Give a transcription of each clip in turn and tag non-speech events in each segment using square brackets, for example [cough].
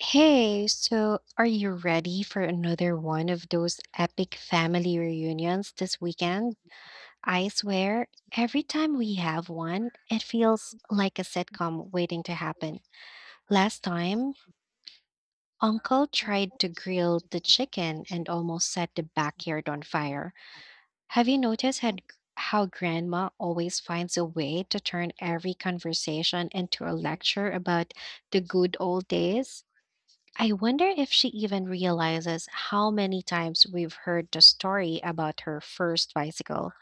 Hey, so are you ready for another one of those epic family reunions this weekend? I swear, every time we have one, it feels like a sitcom waiting to happen. Last time, Uncle tried to grill the chicken and almost set the backyard on fire. Have you noticed how Grandma always finds a way to turn every conversation into a lecture about the good old days? I wonder if she even realizes how many times we've heard the story about her first bicycle.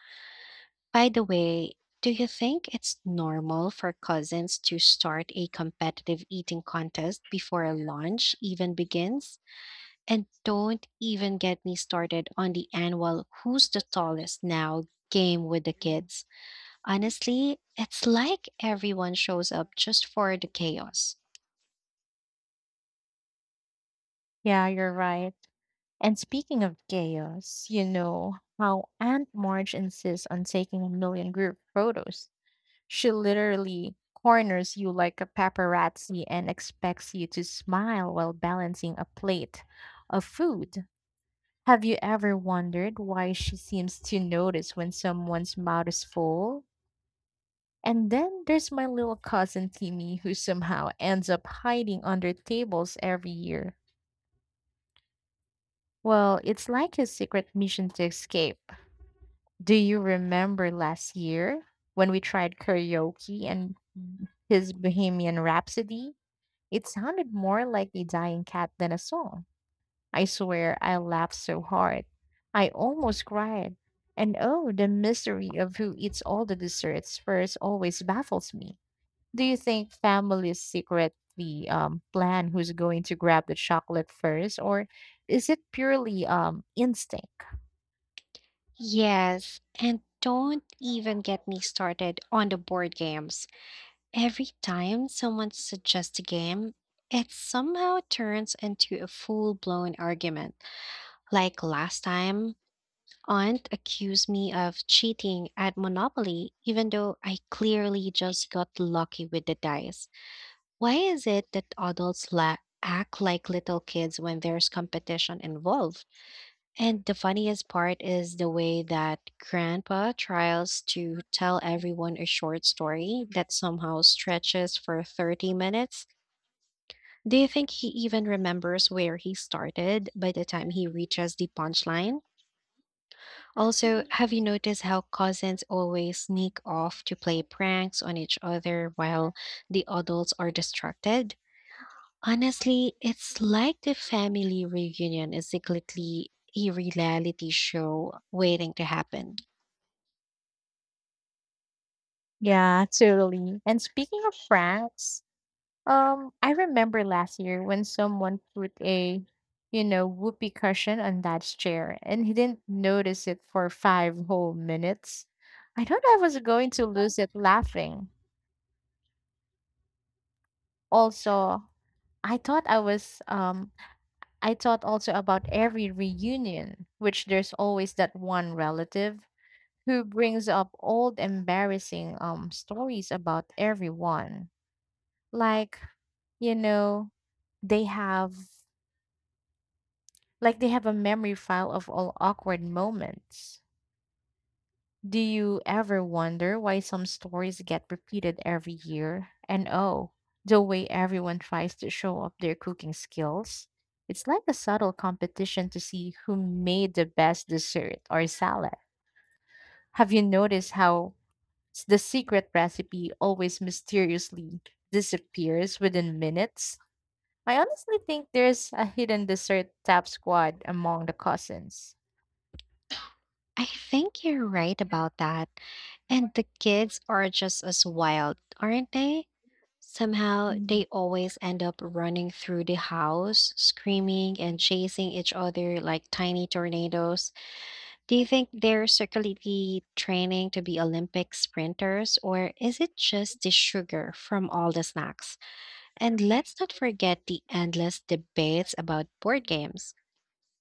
By the way, do you think it's normal for cousins to start a competitive eating contest before a lunch even begins? And don't even get me started on the annual Who's the Tallest Now game with the kids. Honestly, it's like everyone shows up just for the chaos. Yeah, you're right. And speaking of chaos, you know how Aunt Marge insists on taking a million group photos. She literally corners you like a paparazzi and expects you to smile while balancing a plate of food. Have you ever wondered why she seems to notice when someone's mouth is full? And then there's my little cousin Timmy, who somehow ends up hiding under tables every year. Well, it's like his secret mission to escape. Do you remember last year when we tried karaoke and his Bohemian Rhapsody? It sounded more like a dying cat than a song. I swear I laughed so hard. I almost cried. And oh, the mystery of who eats all the desserts first always baffles me. Do you think families secretly plan who's going to grab the chocolate first, or is it purely instinct? Yes, and don't even get me started on the board games. Every time someone suggests a game, it somehow turns into a full blown argument. Like last time, Aunt accused me of cheating at Monopoly, even though I clearly just got lucky with the dice. Why is it that adults act like little kids when there's competition involved? And the funniest part is the way that Grandpa tries to tell everyone a short story that somehow stretches for 30 minutes. Do you think he even remembers where he started by the time he reaches the punchline? Also, have you noticed how cousins always sneak off to play pranks on each other while the adults are distracted? Honestly, it's like the family reunion is secretly a reality show waiting to happen. Yeah, totally. And speaking of pranks, I remember last year when someone put a, whoopee cushion on Dad's chair, and he didn't notice it for five whole minutes. I thought I was going to lose it laughing. Also, I thought I was um I thought also about every reunion, which there's always that one relative who brings up old embarrassing stories about everyone. Like, you know, they have like they have a memory file of all awkward moments. Do you ever wonder why some stories get repeated every year? And oh, the way everyone tries to show off their cooking skills? It's like a subtle competition to see who made the best dessert or salad. Have you noticed how the secret recipe always mysteriously disappears within minutes? I honestly think there's a hidden dessert tap squad among the cousins. I think you're right about that. And the kids are just as wild, aren't they? Somehow Mm. they always end up running through the house, screaming and chasing each other like tiny tornadoes. Do you think they're secretly training to be Olympic sprinters, or is it just the sugar from all the snacks? And let's not forget the endless debates about board games,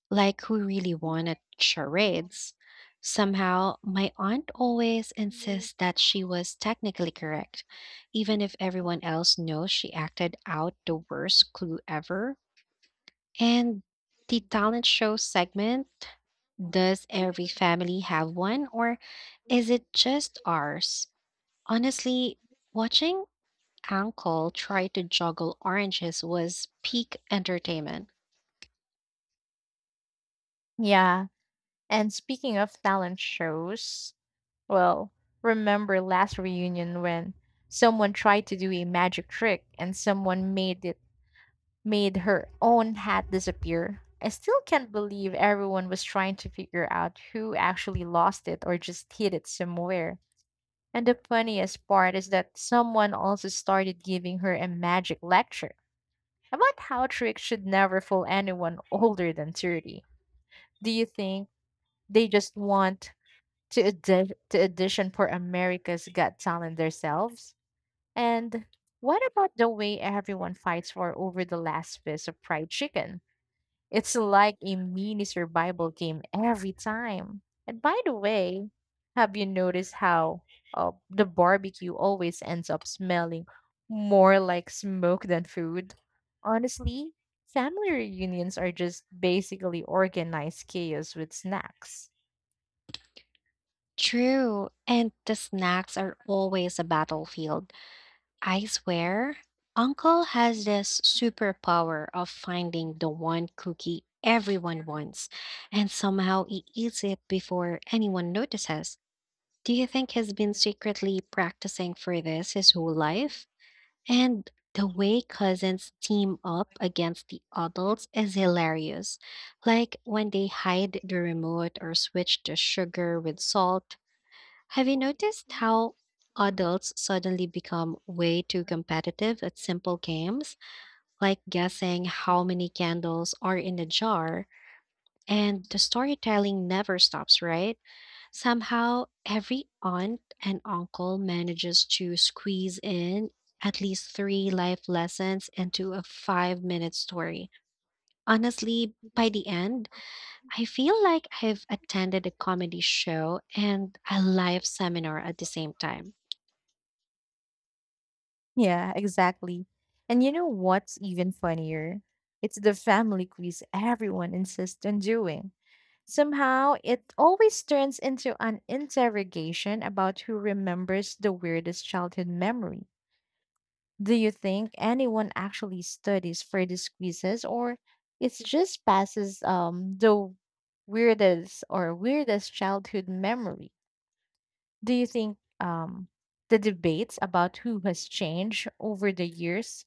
like who really won at charades. Somehow, my aunt always insists that she was technically correct, even if everyone else knows she acted out the worst clue ever. And the talent show segment, does every family have one, or is it just ours? Honestly, watching uncle tried to juggle oranges was peak entertainment. Yeah. And speaking of talent shows, well, remember last reunion when someone tried to do a magic trick and someone made it made her own hat disappear? I still can't believe everyone was trying to figure out who actually lost it or just hid it somewhere. And the funniest part is that someone also started giving her a magic lecture about how tricks should never fool anyone older than 30. Do you think they just want to audition for America's Got Talent themselves? And what about the way everyone fights for over the last piece of fried chicken? It's like a mini survival game every time. And by the way, have you noticed how the barbecue always ends up smelling more like smoke than food? Honestly, family reunions are just basically organized chaos with snacks. True, and the snacks are always a battlefield. I swear, Uncle has this superpower of finding the one cookie everyone wants, and somehow he eats it before anyone notices. Do you think he's been secretly practicing for this his whole life? And the way cousins team up against the adults is hilarious. Like when they hide the remote or switch the sugar with salt. Have you noticed how adults suddenly become way too competitive at simple games, like guessing how many candles are in a jar? And the storytelling never stops, right? Somehow, every aunt and uncle manages to squeeze in at least three life lessons into a 5-minute story. Honestly, by the end, I feel like I've attended a comedy show and a live seminar at the same time. Yeah, exactly. And you know what's even funnier? It's the family quiz everyone insists on doing. Somehow, it always turns into an interrogation about who remembers the weirdest childhood memory. Do you think anyone actually studies for these quizzes, or it's just passes the weirdest childhood memory? Do you think the debates about who has changed over the years,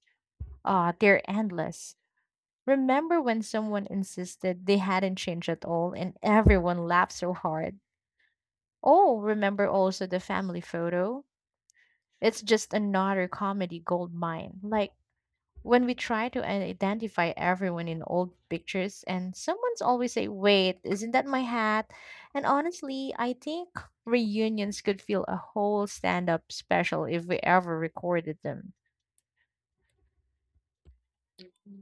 ah, they're endless. Remember when someone insisted they hadn't changed at all and everyone laughed so hard? Oh, remember also the family photo? It's just another comedy gold mine. Like when we try to identify everyone in old pictures and someone's always say, "Wait, isn't that my hat?" And honestly, I think reunions could feel a whole stand-up special if we ever recorded them.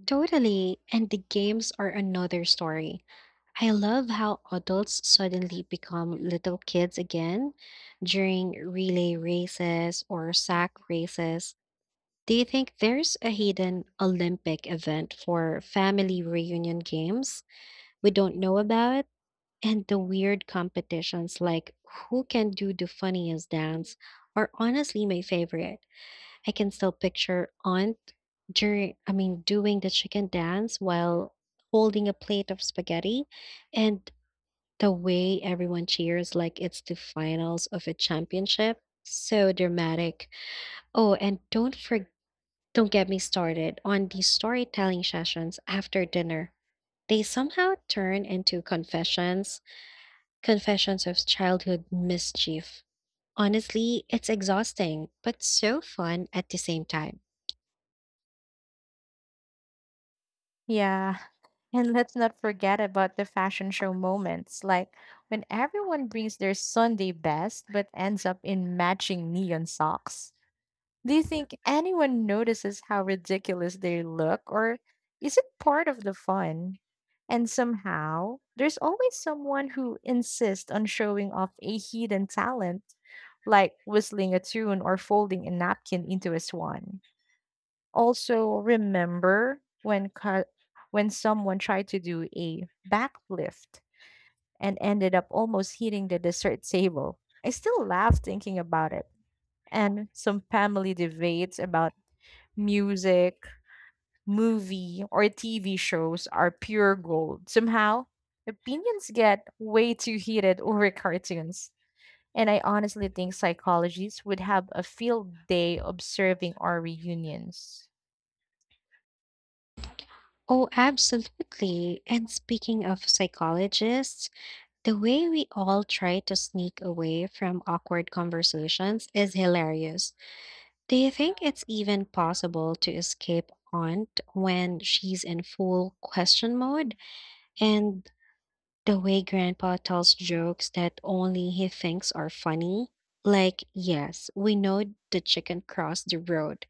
Totally. And the games are another story. I love how adults suddenly become little kids again during relay races or sack races. Do you think there's a hidden Olympic event for family reunion games we don't know about? And the weird competitions like who can do the funniest dance are honestly my favorite. I can still picture Aunt during I mean doing the chicken dance while holding a plate of spaghetti and the way everyone cheers like it's the finals of a championship. So dramatic. Oh, and don't get me started on the storytelling sessions after dinner. They somehow turn into confessions of childhood mischief. Honestly, it's exhausting, but so fun at the same time. Yeah. [laughs] And let's not forget about the fashion show moments, like when everyone brings their Sunday best but ends up in matching neon socks. Do you think anyone notices how ridiculous they look, or is it part of the fun? And somehow, there's always someone who insists on showing off a hidden talent, like whistling a tune or folding a napkin into a swan. Also, when someone tried to do a backlift and ended up almost hitting the dessert table. I still laugh thinking about it. And some family debates about music, movie, or TV shows are pure gold. Somehow, opinions get way too heated [laughs] over cartoons. And I honestly think psychologists would have a field day observing our reunions. Oh, absolutely. And speaking of psychologists, the way we all try to sneak away from awkward conversations is hilarious. Do you think it's even possible to escape Aunt when she's in full question mode? And the way Grandpa tells jokes that only he thinks are funny? Like, yes, we know the chicken crossed the road.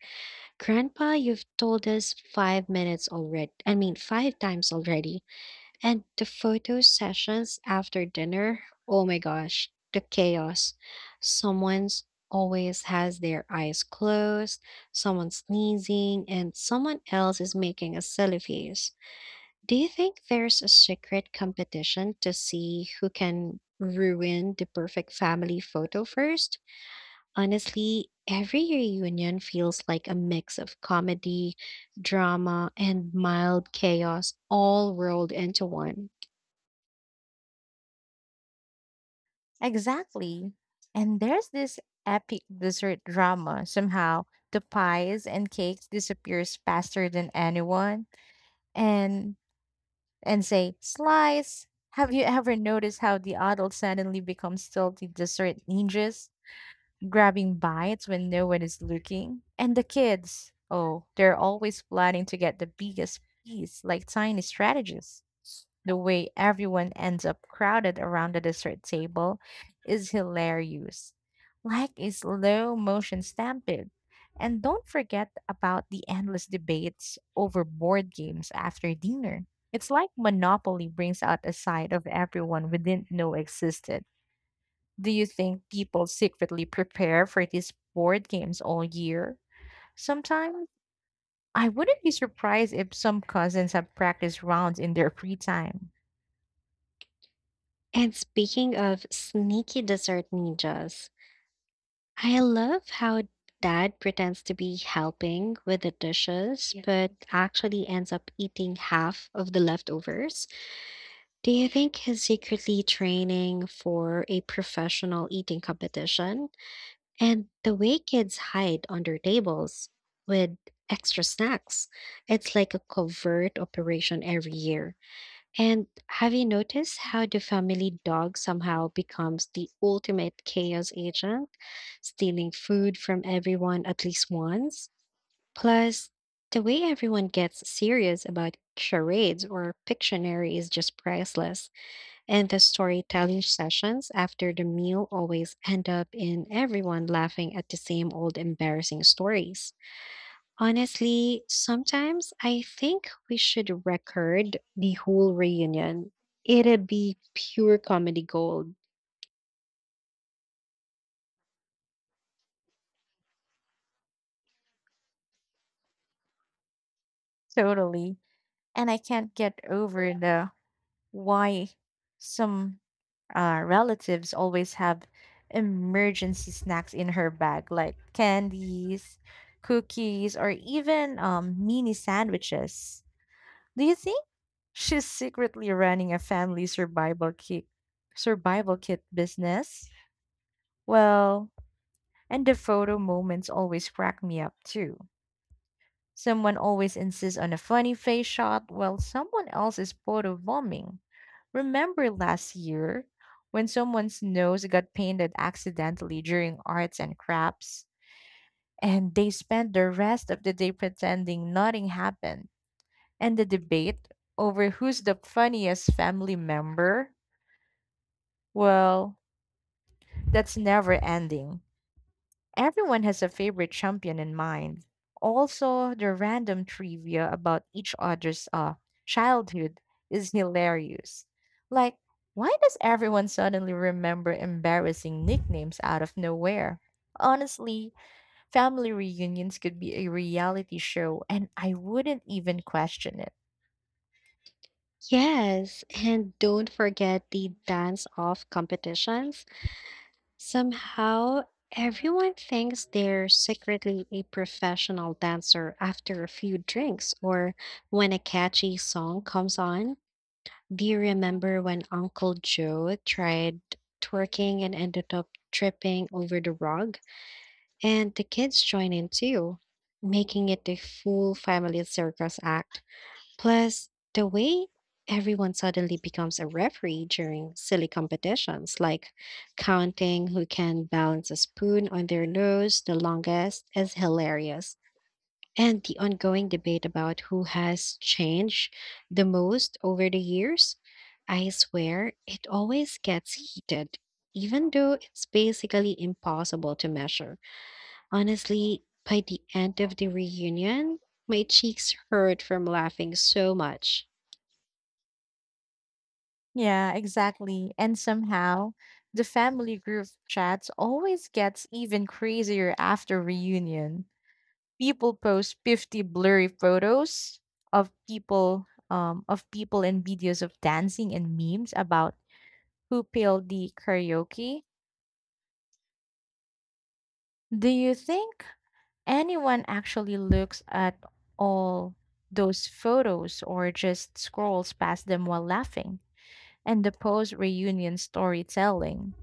Grandpa, you've told us 5 minutes already. I mean, five times already. And the photo sessions after dinner, oh my gosh, the chaos. Someone's always has their eyes closed, someone sneezing, and someone else is making a silly face. Do you think there's a secret competition to see who can ruin the perfect family photo first? Honestly, every reunion feels like a mix of comedy, drama, and mild chaos all rolled into one. Exactly. And there's this epic dessert drama. Somehow the pies and cakes disappears faster than anyone. And and say, slice, have you ever noticed how the adults suddenly become stealthy dessert ninjas, grabbing bites when no one is looking? And the kids, oh, they're always planning to get the biggest piece, like tiny strategies. The way everyone ends up crowded around the dessert table is hilarious, like a slow motion stampede. And don't forget about the endless debates over board games after dinner. It's like Monopoly brings out a side of everyone we didn't know existed. Do you think people secretly prepare for these board games all year? Sometimes I wouldn't be surprised if some cousins have practice rounds in their free time. And speaking of sneaky dessert ninjas, I love how dad pretends to be helping with the dishes, yeah, but actually ends up eating half of the leftovers. Do you think he's secretly training for a professional eating competition? And the way kids hide under tables with extra snacks, it's like a covert operation every year. And have you noticed how the family dog somehow becomes the ultimate chaos agent, stealing food from everyone at least once? Plus, the way everyone gets serious about charades or Pictionary is just priceless, and the storytelling sessions after the meal always end up in everyone laughing at the same old embarrassing stories. Honestly, sometimes I think we should record the whole reunion. It'd be pure comedy gold. Totally. And I can't get over the why some relatives always have emergency snacks in her bag, like candies, cookies, or even mini sandwiches. Do you think she's secretly running a family survival kit business? Well, and the photo moments always crack me up too. Someone always insists on a funny face shot while someone else is photo bombing. Remember last year when someone's nose got painted accidentally during arts and crafts and they spent the rest of the day pretending nothing happened? And the debate over who's the funniest family member, well, that's never ending. Everyone has a favorite champion in mind. Also, the random trivia about each other's childhood is hilarious. Like, why does everyone suddenly remember embarrassing nicknames out of nowhere? Honestly, family reunions could be a reality show, and I wouldn't even question it. Yes, and don't forget the dance off competitions. Somehow, everyone thinks they're secretly a professional dancer after a few drinks or when a catchy song comes on. Do you remember when Uncle Joe tried twerking and ended up tripping over the rug? And the kids join in too, making it a full family circus act. Plus, the way everyone suddenly becomes a referee during silly competitions, like counting who can balance a spoon on their nose the longest, is hilarious. And the ongoing debate about who has changed the most over the years, I swear it always gets heated, even though it's basically impossible to measure. Honestly, by the end of the reunion, my cheeks hurt from laughing so much. Yeah, exactly. And somehow, the family group chats always gets even crazier after reunion. People post 50 blurry photos of people and videos of dancing and memes about who peeled the karaoke. Do you think anyone actually looks at all those photos or just scrolls past them while laughing? And the post reunion storytelling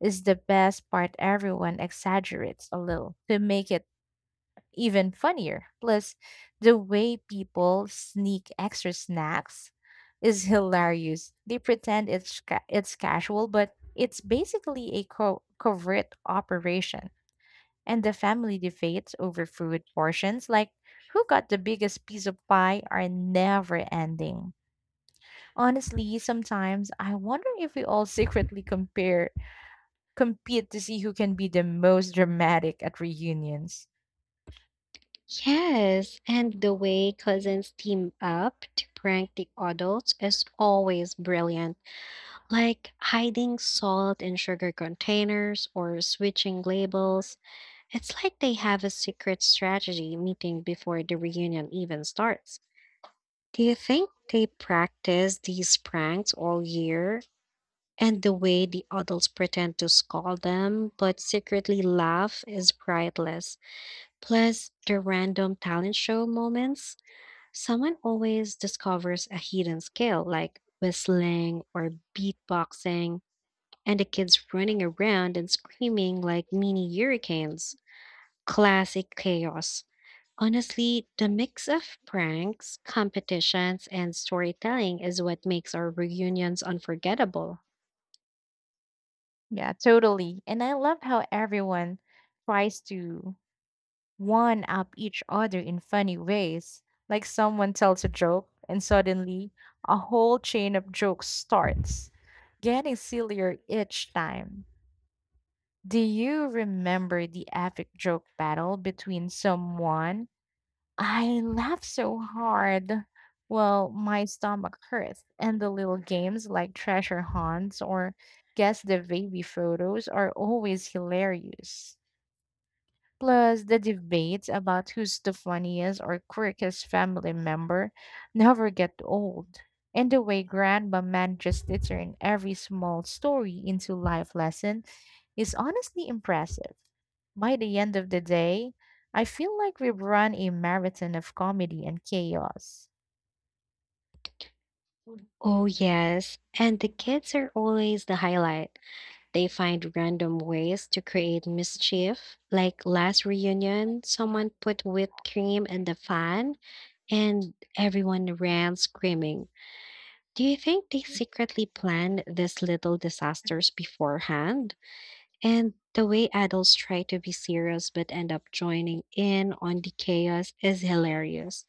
is the best part. Everyone exaggerates a little to make it even funnier. Plus, the way people sneak extra snacks is hilarious. They pretend it's casual, but it's basically a covert operation. And the family debates over food portions, like who got the biggest piece of pie, are never ending. Honestly, sometimes I wonder if we all secretly compare compete to see who can be the most dramatic at reunions. Yes, and the way cousins team up to prank the adults is always brilliant, like hiding salt in sugar containers or switching labels. It's like they have a secret strategy meeting before the reunion even starts. Do you think they practice these pranks all year? And the way the adults pretend to scold them but secretly laugh is priceless. Plus, the random talent show moments. Someone always discovers a hidden skill like whistling or beatboxing, and the kids running around and screaming like mini hurricanes. Classic chaos. Honestly, the mix of pranks, competitions, and storytelling is what makes our reunions unforgettable. Yeah, totally. And I love how everyone tries to one up each other in funny ways. Like someone tells a joke, and suddenly a whole chain of jokes starts, getting sillier each time. Do you remember the epic joke battle between someone? I laughed so hard. Well, my stomach hurt, and the little games like treasure hunts or guess the baby photos are always hilarious. Plus, the debates about who's the funniest or quirkiest family member never get old. And the way Grandma manages to turn every small story into life lesson is honestly impressive. By the end of the day, I feel like we've run a marathon of comedy and chaos. Oh, yes. And the kids are always the highlight. They find random ways to create mischief. Like last reunion, someone put whipped cream in the fan and everyone ran screaming. Do you think they secretly planned these little disasters beforehand? And the way adults try to be serious but end up joining in on the chaos is hilarious.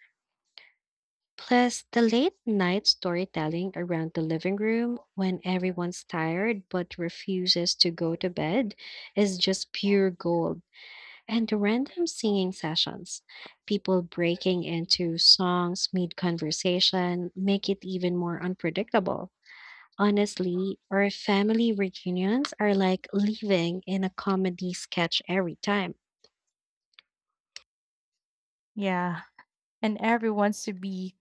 Plus, the late night storytelling around the living room when everyone's tired but refuses to go to bed is just pure gold. And the random singing sessions, people breaking into songs mid conversation, make it even more unpredictable. Honestly, our family reunions are like living in a comedy sketch every time. Yeah, and everyone's to be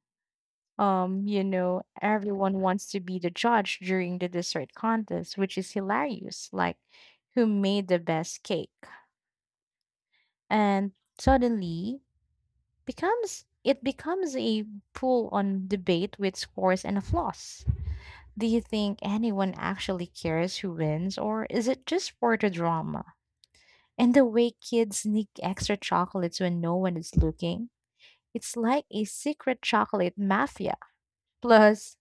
um, you know, everyone wants to be the judge during the dessert contest, which is hilarious. Like, who made the best cake? And suddenly becomes a full on debate with scores and applause. Do you think anyone actually cares who wins, or is it just for the drama? And the way kids sneak extra chocolates when no one is looking, it's like a secret chocolate mafia. Plus,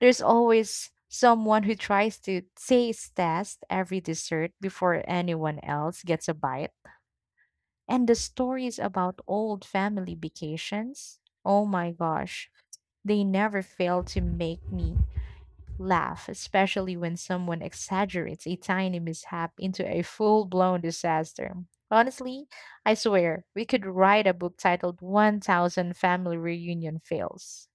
there's always someone who tries to taste test every dessert before anyone else gets a bite. And the stories about old family vacations, oh my gosh, they never fail to make me laugh, especially when someone exaggerates a tiny mishap into a full blown disaster. Honestly, I swear, we could write a book titled 1000 Family Reunion Fails.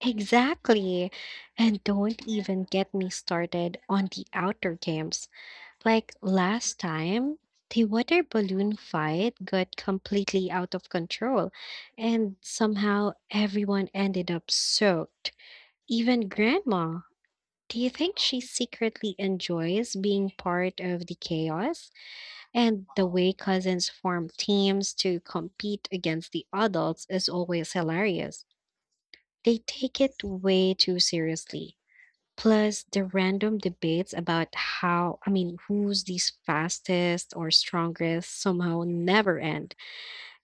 Exactly. And don't even get me started on the outdoor games. Like last time, the water balloon fight got completely out of control, and somehow everyone ended up soaked, even Grandma. Do you think she secretly enjoys being part of the chaos? And the way cousins form teams to compete against the adults is always hilarious. They take it way too seriously. Plus the random debates about how, I mean, who's the fastest or strongest somehow never end.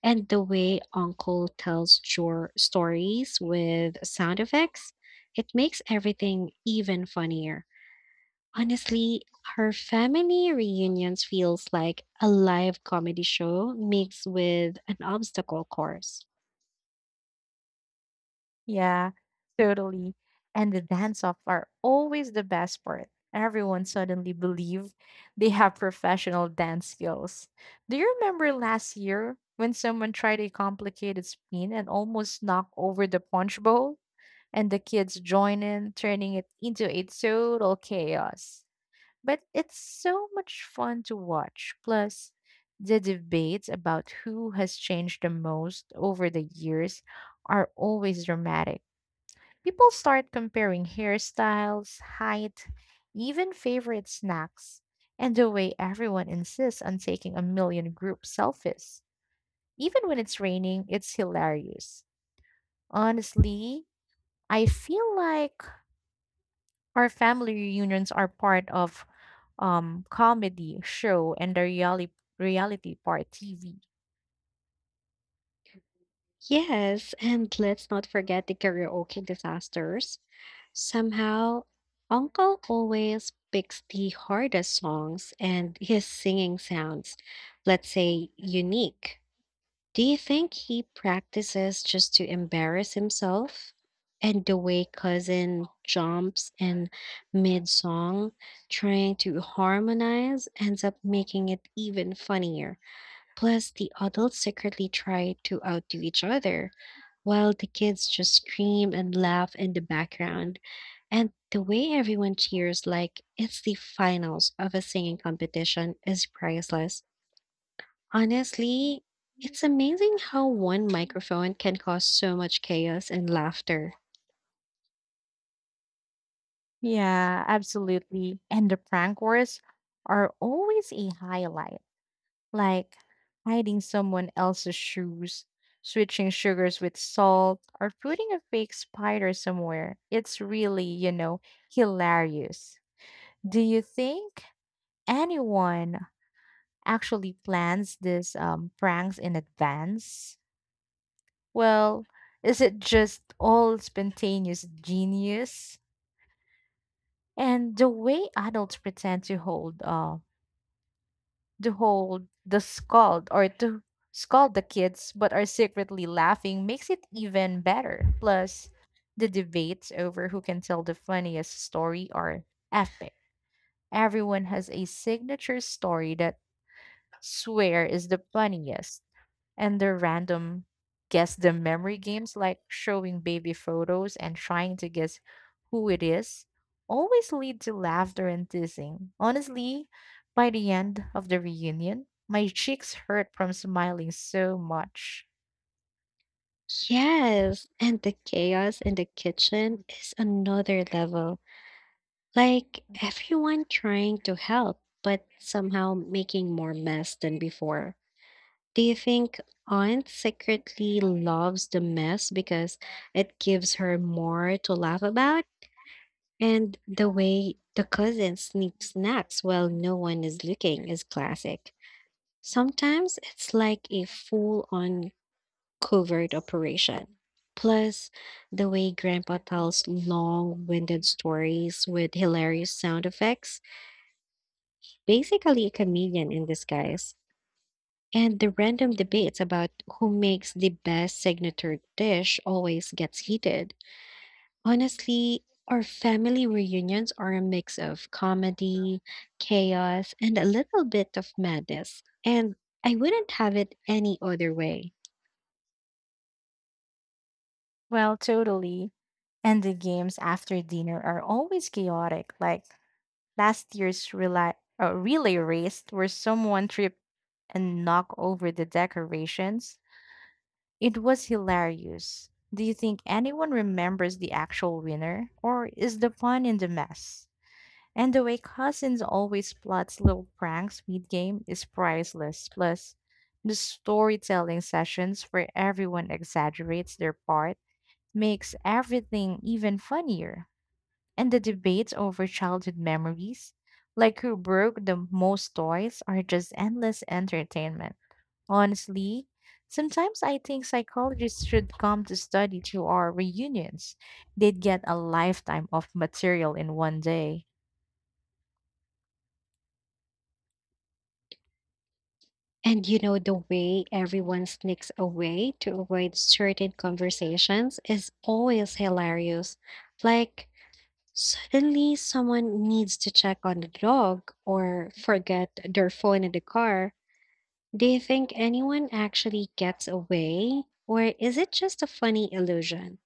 And the way Uncle tells your stories with sound effects, it makes everything even funnier. Honestly, her family reunions feels like a live comedy show mixed with an obstacle course. Yeah, totally. And the dance off are always the best part. Everyone suddenly believe they have professional dance skills. Do you remember last year when someone tried a complicated spin and almost knocked over the punch bowl? And the kids join in, turning it into a total chaos. But it's so much fun to watch. Plus, the debates about who has changed the most over the years are always dramatic. People start comparing hairstyles, height, even favorite snacks, and the way everyone insists on taking a million group selfies. Even when it's raining, it's hilarious. Honestly, I feel like our family reunions are part of comedy show and the reality part TV. Yes, and let's not forget the karaoke disasters. Somehow, Uncle always picks the hardest songs and his singing sounds, let's say, unique. Do you think he practices just to embarrass himself? And the way cousin jumps in mid song, trying to harmonize, ends up making it even funnier. Plus, the adults secretly try to outdo each other, while the kids just scream and laugh in the background. And the way everyone cheers like it's the finals of a singing competition is priceless. Honestly, it's amazing how one microphone can cause so much chaos and laughter. Yeah, absolutely. And the prank wars are always a highlight, like hiding someone else's shoes, switching sugars with salt, or putting a fake spider somewhere. It's really, you know, hilarious. Do you think anyone actually plans these pranks in advance? Well, is it just all spontaneous genius? And the way adults pretend to hold the scold or to scold the kids but are secretly laughing makes it even better. Plus, the debates over who can tell the funniest story are epic. Everyone has a signature story that swear is the funniest, and their random guess the memory games like showing baby photos and trying to guess who it is always lead to laughter and teasing. Honestly, by the end of the reunion, my cheeks hurt from smiling so much. Yes, and the chaos in the kitchen is another level. Like everyone trying to help, but somehow making more mess than before. Do you think Aunt secretly loves the mess because it gives her more to laugh about? And the way the cousin sneaks snacks while no one is looking is classic. Sometimes it's like a full on covert operation. Plus, the way Grandpa tells long winded stories with hilarious sound effects, basically a comedian in disguise. And the random debates about who makes the best signature dish always gets heated. Honestly, our family reunions are a mix of comedy, chaos, and a little bit of madness. And I wouldn't have it any other way. Well, totally. And the games after dinner are always chaotic, like last year's relay race where someone tripped and knocked over the decorations. It was hilarious. Do you think anyone remembers the actual winner, or is the fun in the mess? And the way Cousins always plots little pranks mid game is priceless. Plus, the storytelling sessions where everyone exaggerates their part makes everything even funnier. And the debates over childhood memories, like who broke the most toys, are just endless entertainment. Honestly, sometimes I think psychologists should come to study to our reunions. They'd get a lifetime of material in one day. And you know, the way everyone sneaks away to avoid certain conversations is always hilarious. Like, suddenly someone needs to check on the dog or forget their phone in the car. Do you think anyone actually gets away? Or is it just a funny illusion?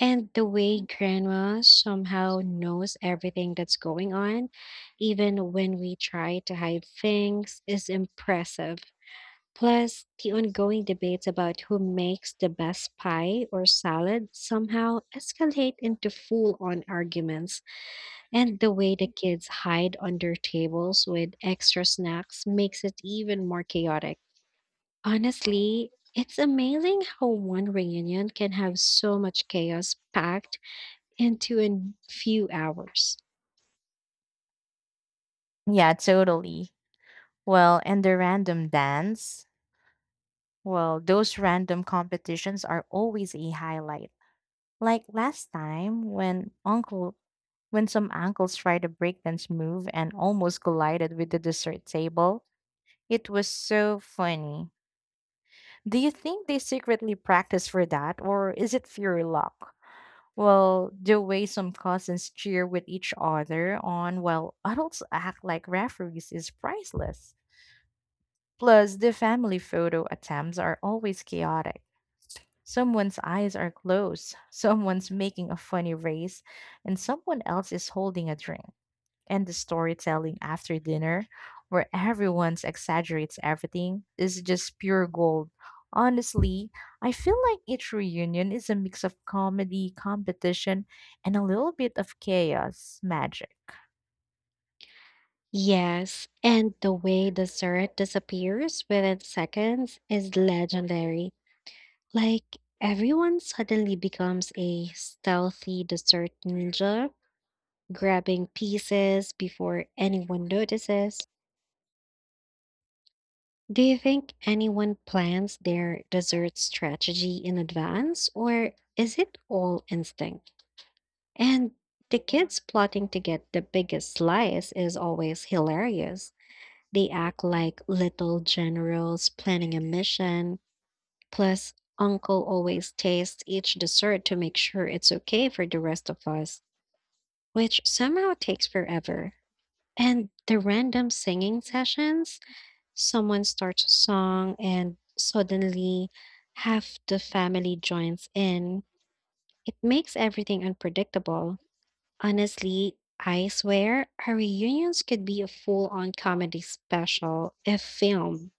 And the way grandma somehow knows everything that's going on, even when we try to hide things, is impressive. Plus, the ongoing debates about who makes the best pie or salad somehow escalate into full on arguments. And the way the kids hide under tables with extra snacks makes it even more chaotic. Honestly, it's amazing how one reunion can have so much chaos packed into a few hours. Yeah, totally. Well, and the random dance. Well, those random competitions are always a highlight. Like last time when some uncles tried a breakdance move and almost collided with the dessert table. It was so funny. Do you think they secretly practice for that, or is it pure luck? Well, the way some cousins cheer with each other on while adults act like referees is priceless. Plus, the family photo attempts are always chaotic. Someone's eyes are closed, [laughs] someone's making a funny race, and someone else is holding a drink. And the storytelling after dinner, where everyone exaggerates everything, is just pure gold. Honestly, I feel like each reunion is a mix of comedy, competition, and a little bit of chaos magic. Yes, and the way dessert disappears within seconds is legendary. Like, everyone suddenly becomes a stealthy dessert ninja, grabbing pieces before anyone notices. Do you think anyone plans their dessert strategy in advance, or is it all instinct? And the kids plotting to get the biggest slice is always hilarious. They act like little generals planning a mission. Plus, Uncle always tastes each dessert to make sure it's okay for the rest of us, which somehow takes forever. And the random singing sessions, someone starts a song and suddenly half the family joins in. It makes everything unpredictable. Honestly, I swear, our reunions could be a full on comedy special if filmed.